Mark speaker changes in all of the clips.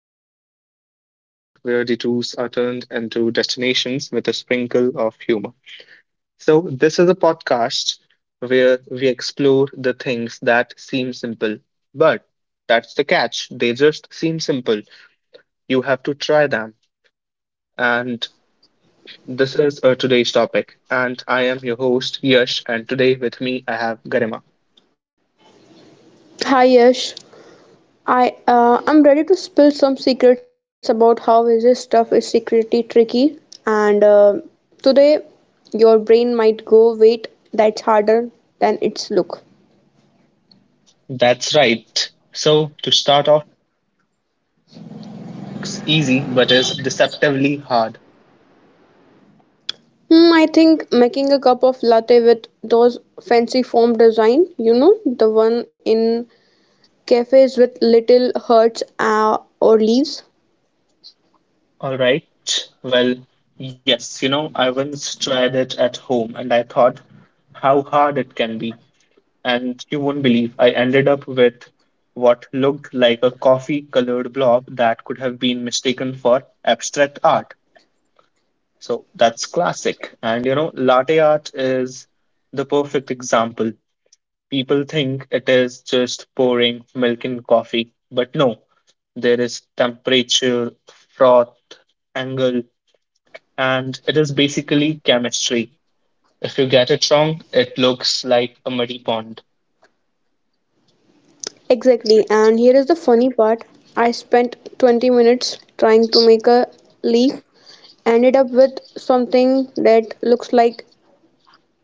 Speaker 1: episode of Yes Junction, where the tours are turned into destinations with a sprinkle of humor. So, this is a podcast where we explore the things that seem simple. But that's the catch, they just seem simple. You have to try them. And this is today's topic. And I am your host, Yash, and today with me I have Garima.
Speaker 2: Hi Yash, I'm ready to spill some secrets about how this stuff is secretly tricky. And Today, your brain might go, wait, that's harder than its look.
Speaker 1: That's right. So, to start off, what is something that looks easy but is deceptively hard?
Speaker 2: I think making a cup of latte with those fancy foam design, the one in cafes with little hearts or leaves.
Speaker 1: All right. Well, yes, you know, I once tried it at home and I thought how hard it can be. And you won't believe I ended up with what looked like a coffee colored blob that could have been mistaken for abstract art. So, that's classic. And you know, latte art is the perfect example. People think it is just pouring milk in coffee, but no, there is temperature, froth, angle, and it is basically chemistry. If you get it wrong, it looks like a muddy pond.
Speaker 2: Exactly. And here is the funny part. I spent 20 minutes trying to make a leaf, ended up with something that looks like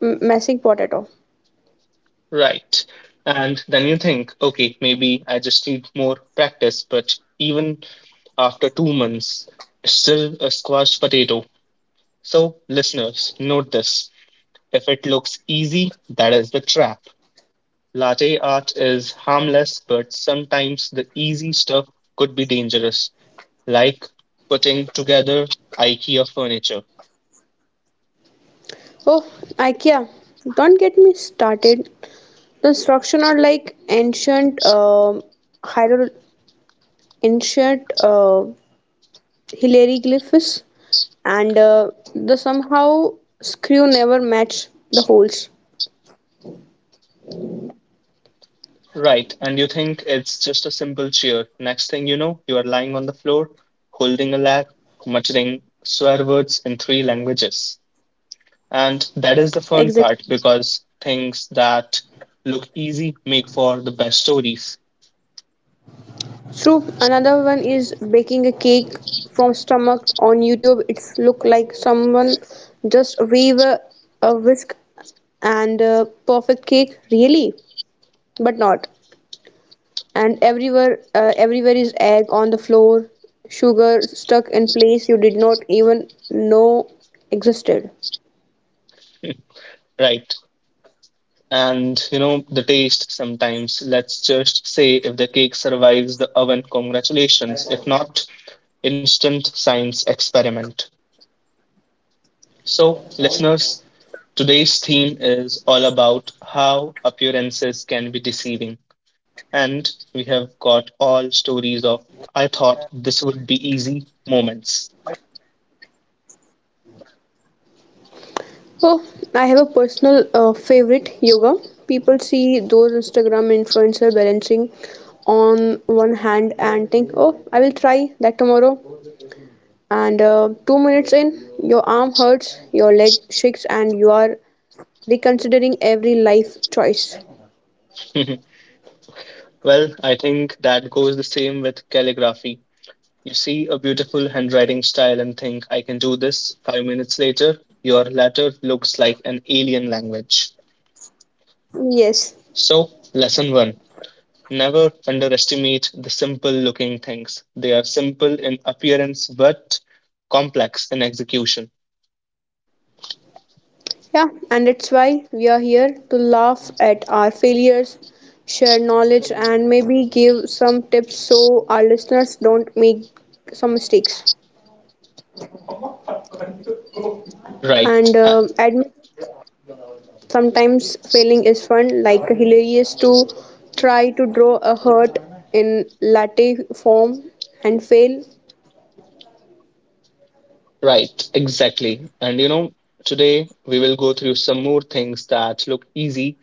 Speaker 2: messing potato.
Speaker 1: Right. And then you think, okay, maybe I just need more practice, but even after 2 months, still a squashed potato. So, listeners, note this. If it looks easy, that is the trap. Latte art is harmless, but sometimes the easy stuff could be dangerous, like putting together IKEA furniture.
Speaker 2: Oh, IKEA, don't get me started. The instructions are like hiero- ancient hieroglyphs, and the somehow screw never match the holes.
Speaker 1: Right, and you think it's just a simple chair. Next thing you know, you are lying on the floor, holding a lat, muttering swear words in three languages. And that is the fun
Speaker 2: Exactly.
Speaker 1: part because things that look easy make for the best stories.
Speaker 2: Soup. Another one is baking a cake from stomach on YouTube. It's look like someone just wave a whisk and a perfect cake, really, but not. And everywhere is egg on the floor, sugar stuck in place you did not even know existed.
Speaker 1: Right. And you know, the taste sometimes. Let's just say if the cake survives the oven, congratulations. If not, instant science experiment. So, listeners, today's theme is all about how appearances can be deceiving. And we have got all stories of I thought this would be easy moments.
Speaker 2: Oh, I have a personal favorite, yoga. People see those Instagram influencer balancing on one hand and think, "Oh, I will try that tomorrow." And 2 minutes in, your arm hurts, your leg shakes, and you are reconsidering every life choice.
Speaker 1: Well, I think that goes the same with calligraphy. You see a beautiful handwriting style and think, I can do this. 5 minutes later, your letter looks like an alien language.
Speaker 2: Yes,
Speaker 1: So, lesson one, never underestimate the simple looking things. They are simple in appearance but complex in execution.
Speaker 2: yeah, and that's why we are here to laugh at our failures, share knowledge, and maybe give some tips so our listeners don't make some mistakes.
Speaker 1: Right,
Speaker 2: And
Speaker 1: uh,
Speaker 2: admit sometimes failing is fun, like hilarious to try to draw a heart in latte form and fail.
Speaker 1: right, exactly. And you know, today we will go through some more things that look easy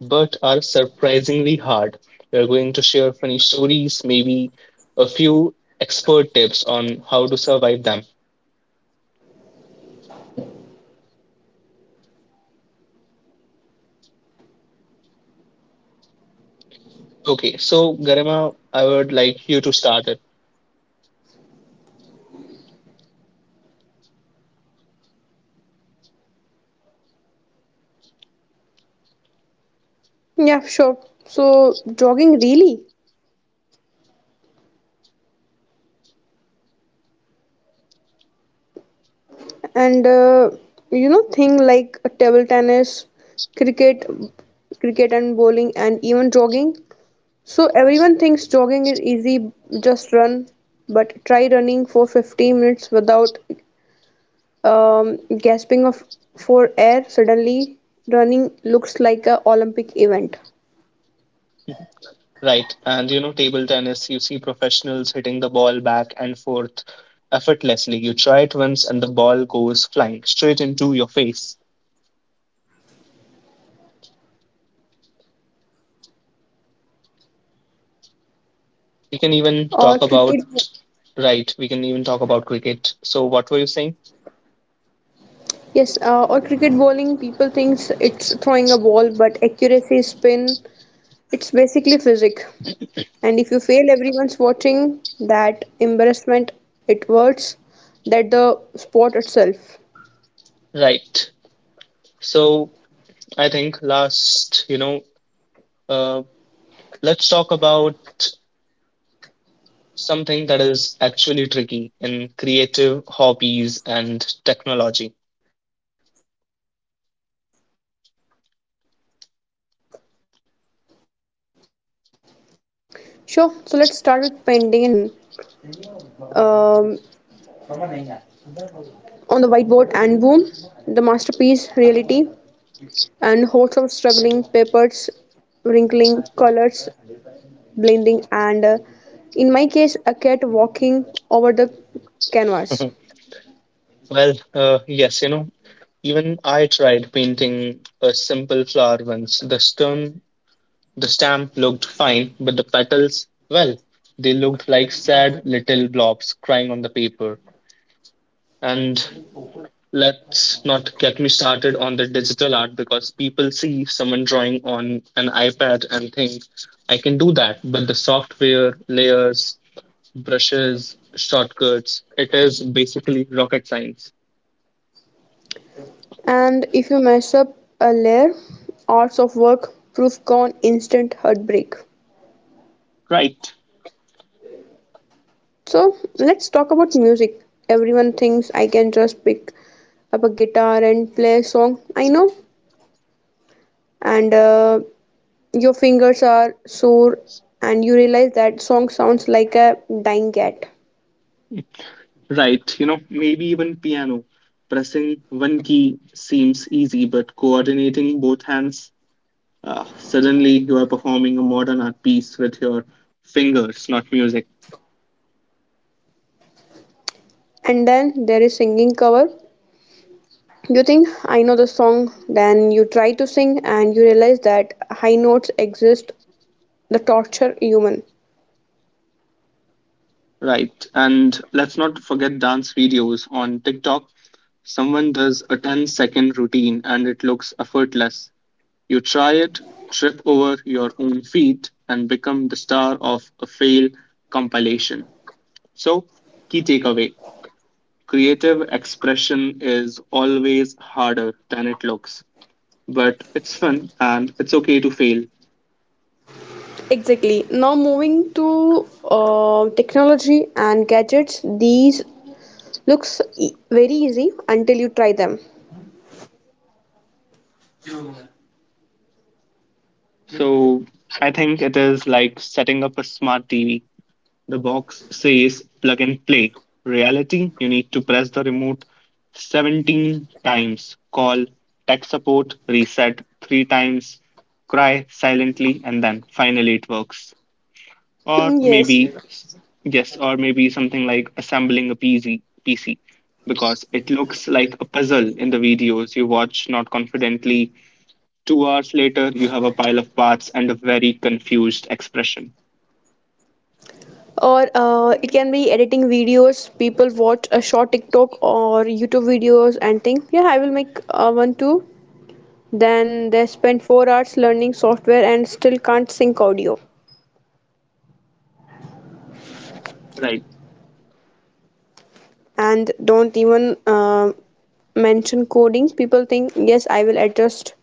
Speaker 1: but are surprisingly hard. We are going to share funny stories, maybe a few expert tips on how to survive them. Okay, so Garima, I would like you to start it.
Speaker 2: Yeah, sure. So jogging, really, and thing like table tennis, cricket cricket and bowling and even jogging. So everyone thinks jogging is easy, just run. But try running for 15 minutes without gasping of for air. Suddenly running looks like a olympic event.
Speaker 1: Right, and you know, table tennis, you see professionals hitting the ball back and forth effortlessly. You try it once, and the ball goes flying straight into your face. We can even
Speaker 2: Or
Speaker 1: talk about,
Speaker 2: cricket.
Speaker 1: Right, we can even talk about cricket. So, what were you saying?
Speaker 2: Yes, or cricket bowling, people thinks it's throwing a ball, but accuracy, spin, it's basically physics. And if you fail, everyone's watching. That embarrassment, it hurts, that the sport itself.
Speaker 1: Right, so I think last, uh. Let's talk about something that is actually tricky in creative hobbies and technology.
Speaker 2: Sure. So let's start with painting and drawing. On Instagram, it's look like people just wave a brush on um, on the whiteboard and boom, the masterpiece. Reality, and hordes of struggling papers, wrinkling, colors, blending, and in my case, a cat walking over
Speaker 1: Well,
Speaker 2: the
Speaker 1: yes, you
Speaker 2: canvas.
Speaker 1: know, even I tried painting a simple flower once. The stamp looked fine, but the petals, well, they looked like sad little blobs crying on the paper. And let's not get me started on the digital art because people see someone drawing on an iPad and think, I can do that. But the software, layers, brushes, shortcuts, it is basically rocket science.
Speaker 2: And if you mess up a layer, hours of work, proof gone, instant heartbreak.
Speaker 1: Right.
Speaker 2: So let's talk about music. Everyone thinks I can just pick up a guitar and play a song. I know, and your fingers are sore and you realize that song sounds like a dying cat.
Speaker 1: Right. You know, maybe even piano. Pressing one key seems easy, but coordinating both hands, suddenly you are performing a modern art piece with your fingers, not music.
Speaker 2: And then there is singing cover. You think I know the song, then you try to sing and you realize that high notes exist. The torture human.
Speaker 1: Right. And let's not forget dance videos on TikTok. Someone does a ten-second routine and it looks effortless. You try it, trip over your own feet, and become the star of a fail compilation. So, key takeaway, creative expression is always harder than it looks, but it's fun and it's okay to fail.
Speaker 2: Exactly. Now moving to technology and gadgets, these very easy until you try them.
Speaker 1: So, I think it is like setting up a smart TV. The box says plug and play. Reality, you need to press the remote 17 times, call tech support, reset three times, cry silently, and then finally it works. Or
Speaker 2: Yes,
Speaker 1: maybe, yes, or maybe something like assembling a PC, because it looks like a puzzle in the videos you watch not confidently. 2 hours later, you have a pile of parts and a very confused expression.
Speaker 2: or it can be editing videos. People watch a short TikTok or YouTube videos and think, yeah, I will make one too. Then they spend 4 hours learning software and still can't sync audio.
Speaker 1: Right,
Speaker 2: And don't even mention coding. People think, yes, I will adjust,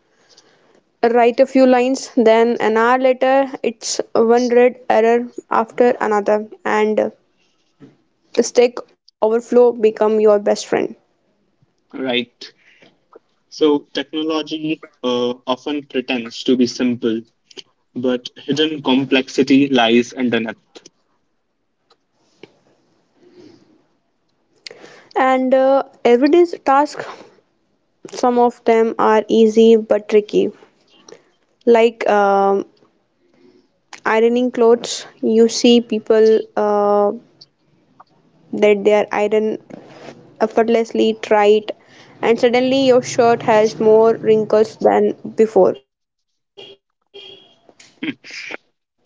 Speaker 2: write a few lines, then an hour later it's one red error after another, and the Stack Overflow become your best friend.
Speaker 1: right. So, technology often pretends to be simple, but hidden complexity lies underneath.
Speaker 2: And everyday's task, some of them are easy but tricky, like ironing clothes. You see people that they are iron effortlessly, try it, and suddenly your shirt has more wrinkles than before.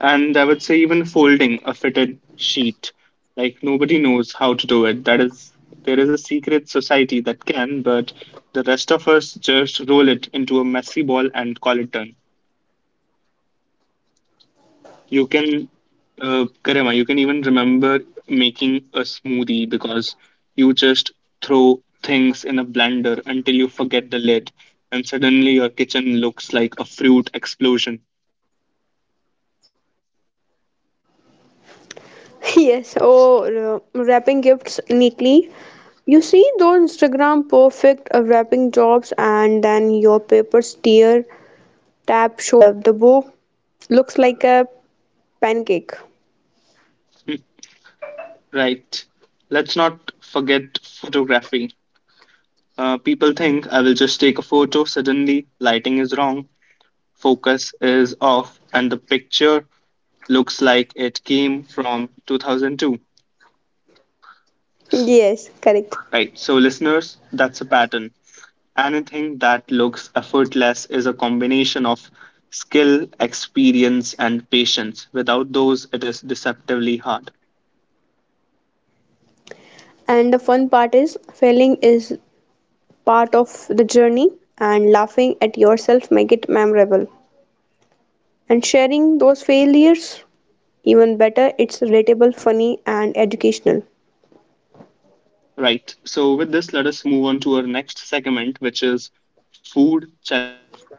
Speaker 1: And I would say, even folding a fitted sheet, like nobody knows how to do it. That is, there is a secret society that can, but the rest of us just roll it into a messy ball and call it done. You can, Karima, you can even remember making a smoothie because you just throw things in a blender until you forget the lid, and suddenly your kitchen looks like a fruit explosion.
Speaker 2: Yes, or wrapping gifts neatly. You see those Instagram perfect wrapping jobs, and then your paper tear, tap shows, and the bow looks like a pancake.
Speaker 1: Right. Let's not forget photography. People think I will just take a photo, suddenly, lighting is wrong, focus is off, and the picture looks like it came from 2002.
Speaker 2: Yes, correct.
Speaker 1: Right. So, listeners, that's a pattern. Anything that looks effortless is a combination of skill, experience, and patience. Without those, it is deceptively hard.
Speaker 2: And the fun part is failing is part of the journey, and laughing at yourself make it memorable. And sharing those failures even better, it's relatable, funny and educational.
Speaker 1: Right. So, with this, let us move on to our next segment, which is food challenges.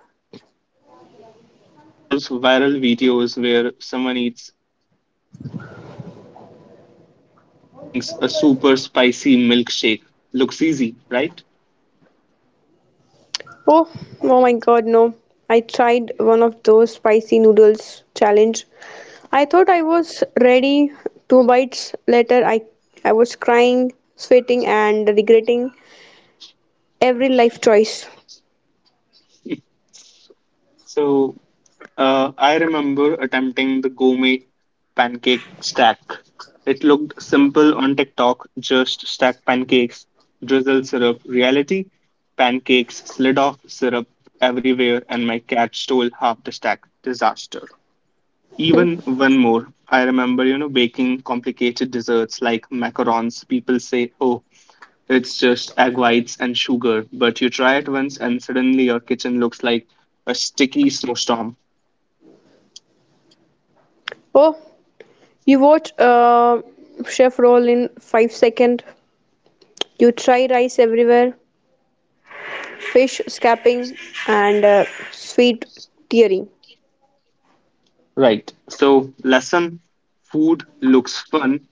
Speaker 1: So, you know, those viral videos where someone eats like 10 burgers in 10 minutes or drinks a super spicy milkshake looks easy, right?
Speaker 2: Oh, oh my god, no. I tried one of those spicy noodles challenge. I thought I was ready. Two bites later, I was crying, sweating and regretting every life choice.
Speaker 1: So, uh, I remember attempting the gourmet pancake stack. It looked simple on TikTok, just stack pancakes, drizzle syrup. Reality, pancakes slid off, syrup everywhere, and my cat stole half the stack. Disaster. Even one more. I remember, you know, baking complicated desserts like macarons. People say, oh, it's just egg whites and sugar. But you try it once, and suddenly your kitchen looks like a sticky snowstorm.
Speaker 2: Oh, you watch chef roll in 5 second. You try, rice everywhere, fish scapping, and sweet tearing.
Speaker 1: Right. So, lesson, food looks fun,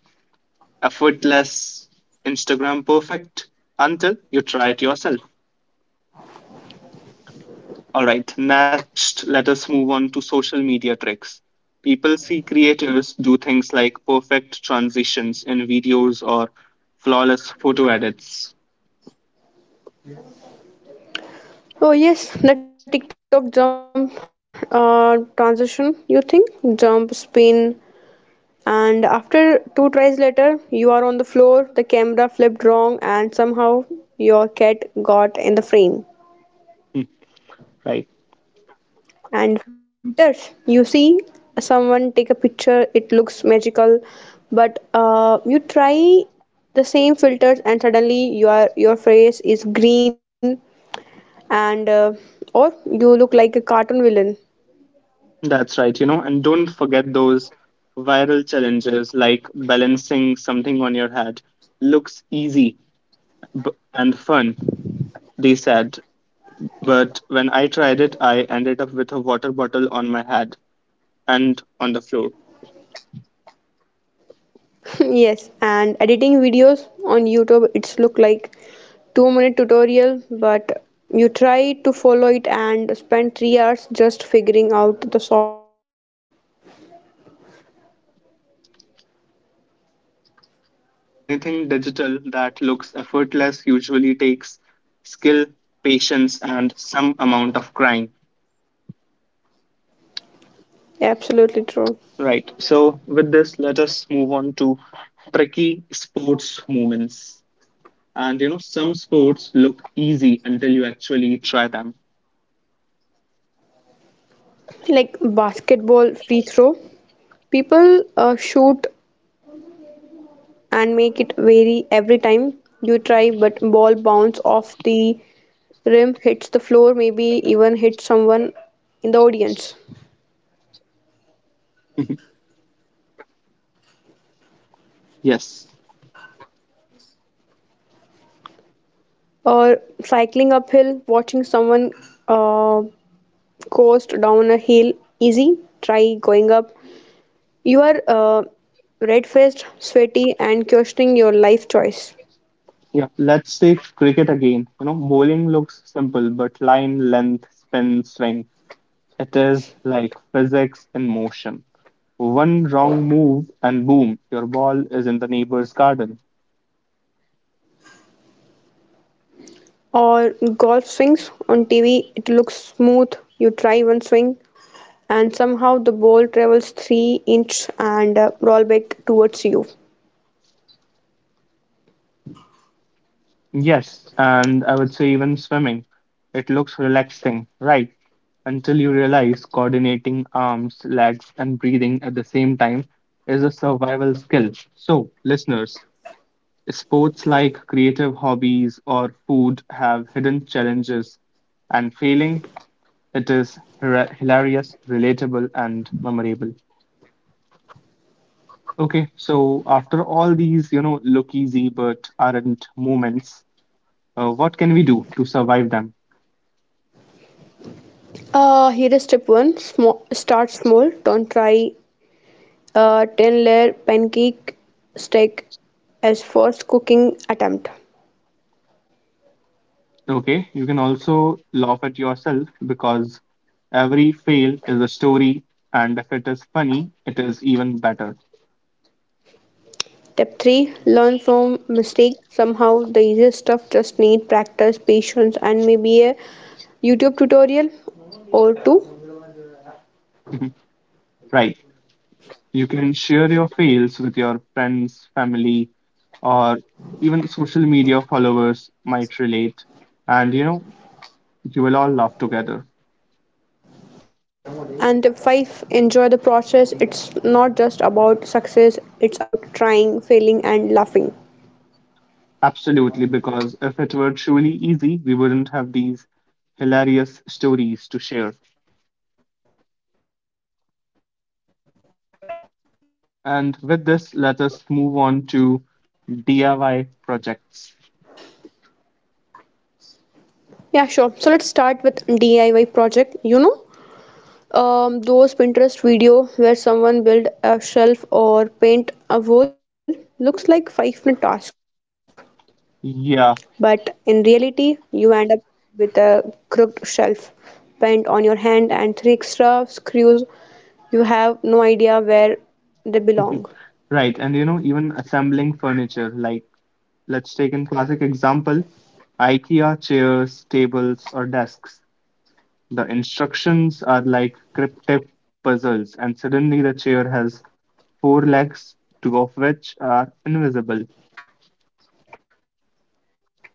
Speaker 1: effortless, Instagram perfect, until you try it yourself. All right. Next, let us move on to social media tricks. People see creators do things like perfect transitions in videos or flawless photo edits.
Speaker 2: Oh yes, the TikTok jump transition. You think, jump, spin, and after two tries later, you are on the floor. The camera flipped wrong, and somehow your cat got in the frame.
Speaker 1: Hmm. Right.
Speaker 2: And filters, you see someone take a picture, it looks magical, but you try the same filters and suddenly your face is green and or you look like a cartoon villain.
Speaker 1: That's right. You know, and don't forget those viral challenges like balancing something on your head. Looks easy and fun, they said. But when I tried it, I ended up with a water bottle on my head and on the floor.
Speaker 2: Yes, and editing videos on YouTube, it's look like 2 minute tutorial, but you try to follow it and spend 3 hours just figuring out the software menu.
Speaker 1: Right, it is the pattern. Anything digital that looks effortless usually takes skill, patience, and some amount of crying.
Speaker 2: Absolutely true.
Speaker 1: Right, so with this, let us move on to tricky sports movements. And you know, some sports look easy until you actually try them.
Speaker 2: Like basketball free throw, people shoot and make it vary every time you try, but ball bounce off the rim, hits the floor, maybe even hits someone in the audience.
Speaker 1: Yes.
Speaker 2: Or cycling uphill, watching someone uh, coast down a hill, easy. Try going up. You are red faced, sweaty, and questioning your life choice.
Speaker 1: Yeah, let's take cricket again. You know, bowling looks simple, but line, length, spin, swing. It is like physics in motion. One wrong move, and boom, your ball is in the neighbor's garden.
Speaker 2: Or golf swings on TV, it looks smooth. You try one swing, and somehow the ball travels 3 inch and roll back towards you.
Speaker 1: Yes, and I would say even swimming. It looks relaxing, right? Until you realize coordinating arms, legs, and breathing at the same time is a survival skill. So, listeners, sports like creative hobbies or food have hidden challenges, and failing it is hilarious, relatable, and memorable. Okay, so after all these, you know, look easy but aren't moments, what can we do to survive them?
Speaker 2: Here is step 1, small, start small, don't try 10 layer pancake stack as first cooking attempt.
Speaker 1: Okay, you can also laugh at yourself because every fail is a story, and if it is funny, it is even better.
Speaker 2: Step 3, learn from mistake. Somehow the easiest stuff just need practice, patience, and maybe a YouTube tutorial or two.
Speaker 1: Right. You can share your fails with your friends, family, or even social media followers might relate. And you know, you will all laugh together.
Speaker 2: And step 5, enjoy the process. It's not just about success, it's about trying, failing, and laughing.
Speaker 1: Absolutely, because if it were truly easy, we wouldn't have these hilarious stories to share. And with this, let us move on to DIY projects.
Speaker 2: Yeah, sure. So let's start with DIY project. You know, those Pinterest video where someone build a shelf or paint a wall looks like 5 minute task, but in
Speaker 1: Yeah,
Speaker 2: reality, you end up with a crooked shelf, paint on your hand, and three extra screws. You have no idea where they belong.
Speaker 1: right. And you know, even assembling furniture, like, let's take an classic example, IKEA chairs, tables, or desks. The instructions are like cryptic puzzles, and suddenly the chair has four legs, two of which are invisible.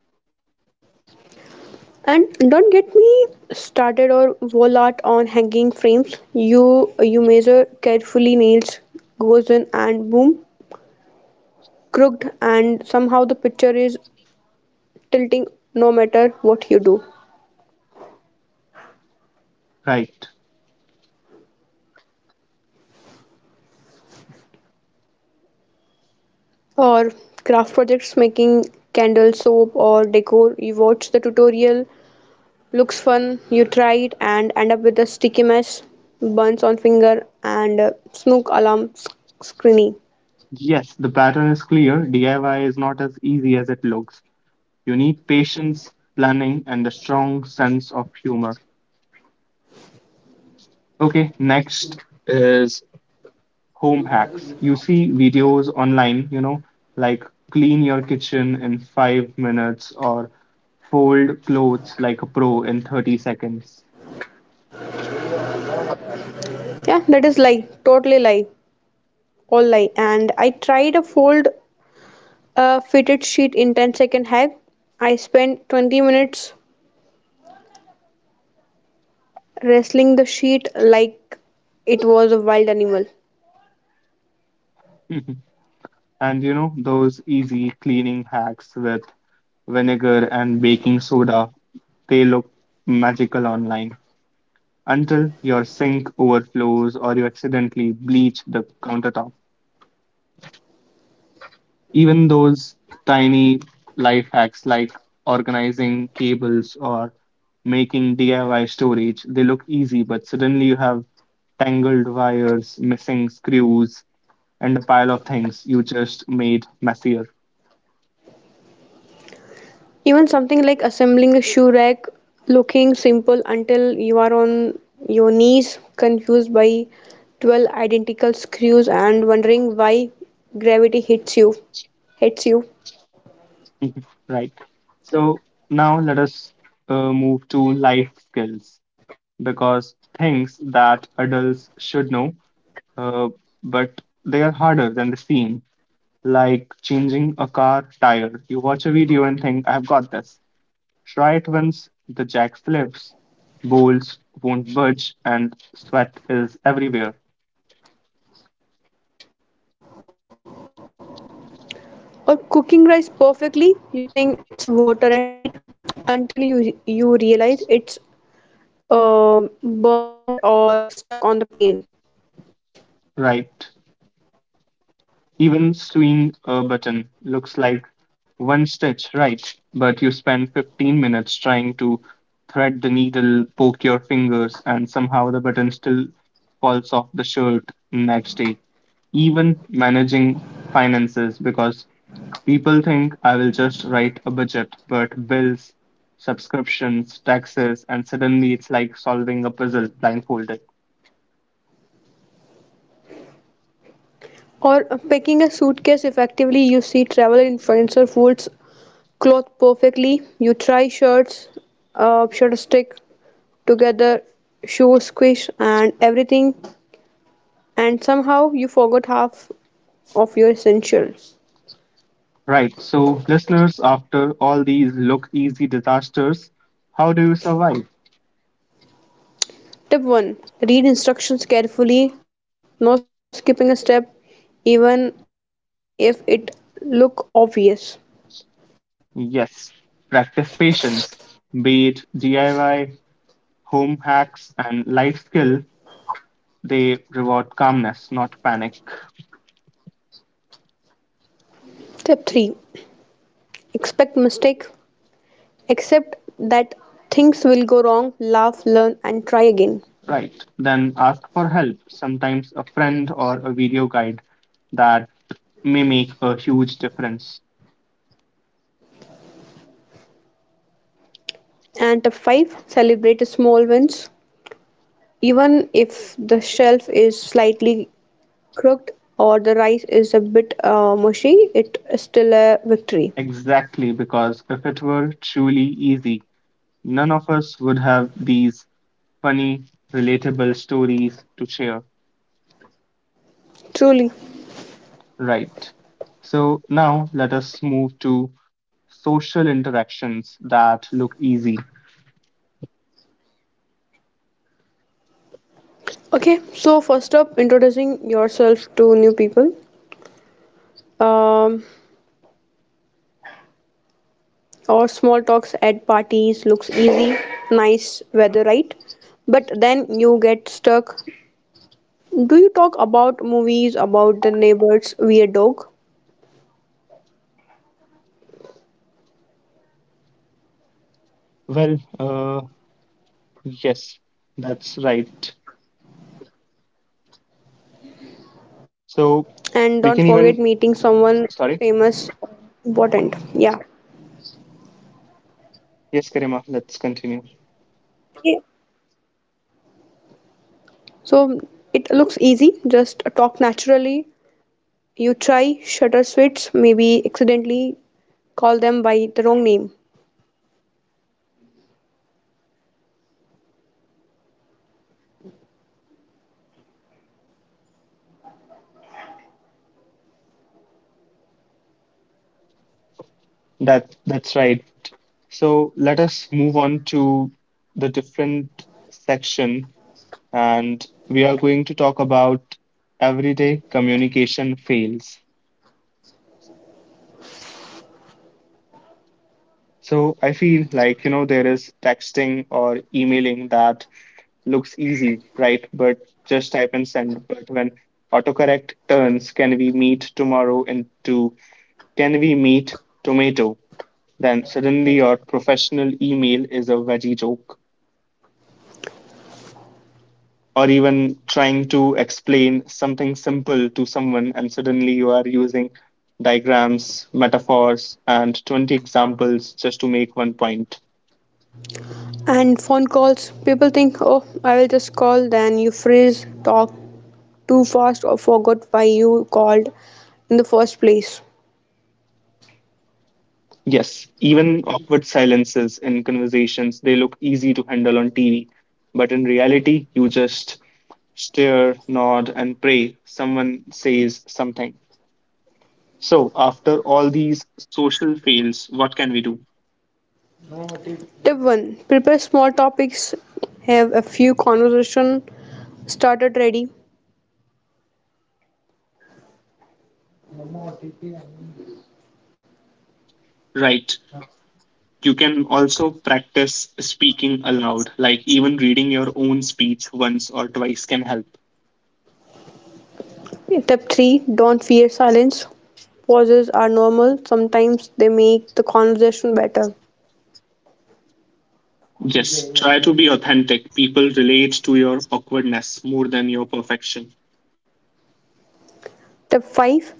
Speaker 2: And don't get me started or wall art on hanging frames. You measure carefully, nails goes in and boom, crooked, and somehow the picture is tilting no matter what you do.
Speaker 1: Right.
Speaker 2: Or craft projects, making candle, soap or decor. You watch the tutorial, looks fun, you try it and end up with a sticky mess, burns on finger, and snook alarm screening.
Speaker 1: Yes, the pattern is clear. DIY is not as easy as it looks. You need patience, planning, and a strong sense of humor. Okay, next is home hacks. You see videos online, you know, like clean your kitchen in 5 minutes or fold clothes like a pro in 30 seconds.
Speaker 2: Yeah, that is lie, totally lie. Alright, and I tried a fold fitted sheet in 10-second hack. I spent 20 minutes wrestling the sheet like it was a wild animal.
Speaker 1: And you know, those easy cleaning hacks with vinegar and baking soda, they look magical online until your sink overflows or you accidentally bleach the countertop. Even those tiny life hacks like organizing cables or making DIY storage, they look easy, but suddenly you have tangled wires, missing screws, and a pile of things you just made messier.
Speaker 2: Even something like assembling a shoe rack looking simple until you are on your knees, confused by 12 identical screws and wondering why gravity hits you hits you.
Speaker 1: Mhm. Right. So now let us move to life skills because things that adults should know, uh, but they are harder than they seem, like changing a car tire. You watch a video and think, I've got this. Try it once, the jack slips, bolts won't budge, and sweat is everywhere.
Speaker 2: Or cooking rice perfectly, you think it's water and heat until you realize it's burned or stuck on the pain.
Speaker 1: Right. Even sewing a button looks like one stitch, right? But you spend 15 minutes trying to thread the needle, poke your fingers, and somehow the button still falls off the shirt next day. Even managing finances, because people think I will just write a budget, but bills, subscriptions, taxes, and suddenly it's like solving a puzzle blindfolded.
Speaker 2: Or packing a suitcase effectively, you see travel influencer folds cloth perfectly. You try, shirt stick together, shoes squish, and everything, and somehow you forgot half of your essentials.
Speaker 1: Right. So, listeners, after all these look easy disasters, how do you survive?
Speaker 2: Tip 1, read instructions carefully, no skipping a step, even if it look obvious.
Speaker 1: Yes, practice patience. Be it DIY, home hacks, and life skill, they reward calmness, not panic.
Speaker 2: Tip 3, expect mistake. Except that things will go wrong, laugh, learn, and try again.
Speaker 1: Right. Then ask for help, sometimes a friend or a video guide that may make a huge difference.
Speaker 2: And tip 5, celebrate the small wins. Even if the shelf is slightly crooked or the rice is a bit mushy, it is still a victory.
Speaker 1: Exactly, because if it were truly easy, none of us would have these funny, relatable stories to share.
Speaker 2: Truly.
Speaker 1: Right. So now let us move to social interactions that look easy.
Speaker 2: Okay, so first up, introducing yourself to new people. Um, or small talks at parties looks easy, nice weather, right? But then you get stuck. Do you talk about movies, about the neighbor's weird dog?
Speaker 1: Well, yes, that's right. So
Speaker 2: And
Speaker 1: we
Speaker 2: don't
Speaker 1: can even,
Speaker 2: forget meeting someone
Speaker 1: sorry.
Speaker 2: famous, important. Yeah.
Speaker 1: Yes, Karima, let's continue.
Speaker 2: Okay. So it looks easy. Just talk naturally. You try, shutter, switch, maybe accidentally call them by the wrong name.
Speaker 1: That's right. So let us move on to the different section, and we are going to talk about everyday communication fails. So I feel like, you know, there is texting or emailing that looks easy, right? But just type and send. But when autocorrect turns, can we meet tomorrow into can we meet tomato? Then suddenly your professional email is a veggie joke. Or even trying to explain something simple to someone, and suddenly you are using diagrams, metaphors, and 20 examples just to make one point.
Speaker 2: And phone calls, people think, oh, I will just call. Then you freeze, talk too fast, or forgot why you called in the first place.
Speaker 1: Yes, even awkward silences in conversations, they look easy to handle on TV. But in reality, you just stare, nod, and pray someone says something. So, after all these social fails, what can we do?
Speaker 2: Tip 1, prepare small topics, have a few conversation started ready.
Speaker 1: Right. You can also practice speaking aloud, like even reading your own speech once or twice can help.
Speaker 2: Tip 3, don't fear silence. Pauses are normal, sometimes they make the conversation better.
Speaker 1: Yes, try to be authentic. People relate to your awkwardness more than your perfection.
Speaker 2: Tip 5,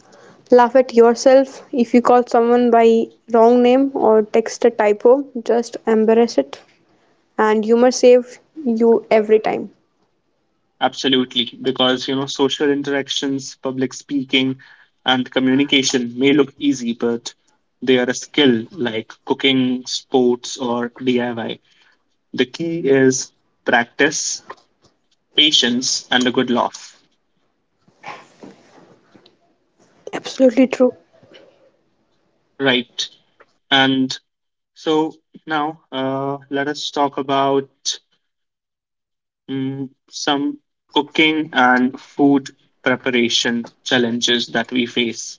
Speaker 2: laugh at yourself. If you call someone by wrong name or text a typo, just embrace it. And humor save you every time.
Speaker 1: Absolutely, because you know, social interactions, public speaking, and communication may look easy, but they are a skill like cooking, sports, or DIY. The key is practice, patience, and a good laugh.
Speaker 2: Absolutely true.
Speaker 1: Right. And so now let us talk about some cooking and food preparation challenges that we face.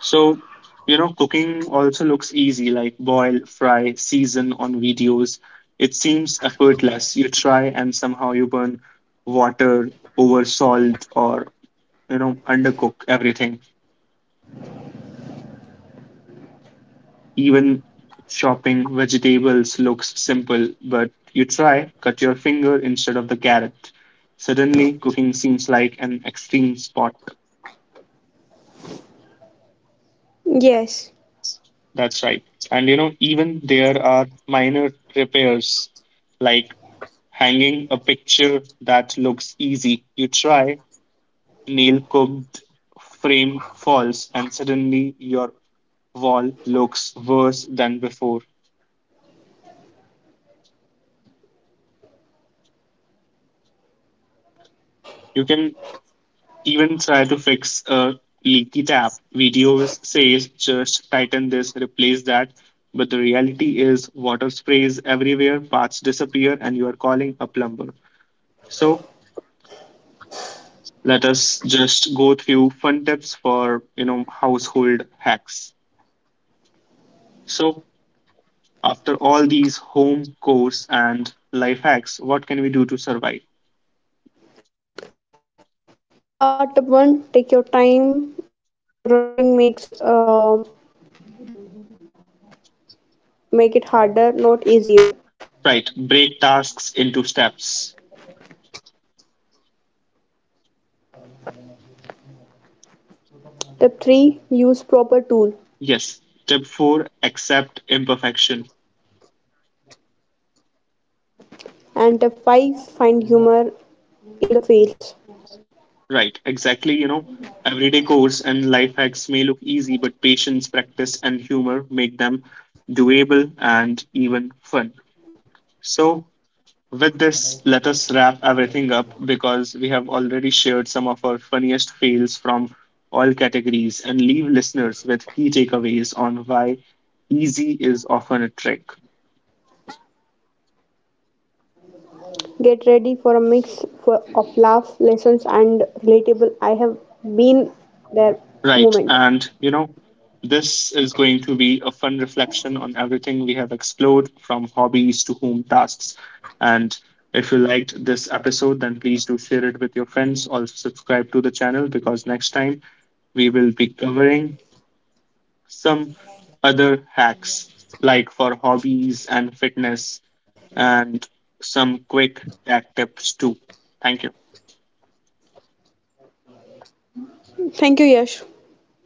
Speaker 1: So, you know, cooking also looks easy, like boil, fry, season on videos. It seems effortless. You try and somehow you burn water over salt or, you know, undercook everything. Even chopping vegetables looks simple, but you try, cut your finger instead of the carrot. Suddenly, cooking seems like an extreme sport.
Speaker 2: Yes.
Speaker 1: That's right. And, you know, even there are minor repairs like hanging a picture that looks easy. You try, nail cooked, frame falls, and suddenly your wall looks worse than before. You can even try to fix a leaky tap. Videos says just tighten this, replace that. But the reality is water sprays everywhere, parts disappear, and you are calling a plumber. So let us just go through fun tips for you know household hacks. So after all these home course and life hacks, what can we do to survive?
Speaker 2: Tip one, take your time. Rushing make it harder, not easier.
Speaker 1: Right, break tasks into steps.
Speaker 2: Step 3, use proper tool.
Speaker 1: Yes. Step four, accept imperfection.
Speaker 2: And step 5, find humor in the fails.
Speaker 1: Right, exactly. You know, everyday course and life hacks may look easy, but patience, practice, and humor make them doable and even fun. So, with this, let us wrap everything up because we have already shared some of our funniest fails from all categories and leave listeners with key takeaways on why easy is often a trick.
Speaker 2: Get ready for a mix for, of laugh, lessons, and relatable I have been there moment.
Speaker 1: Right. And, you know, this is going to be a fun reflection on everything we have explored from hobbies to home tasks. And if you liked this episode, then please do share it with your friends. Also, subscribe to the channel because next time we will be covering some other hacks like for hobbies and fitness and some quick tech tips too. Thank you.
Speaker 2: Thank you, Yash. Thank you all.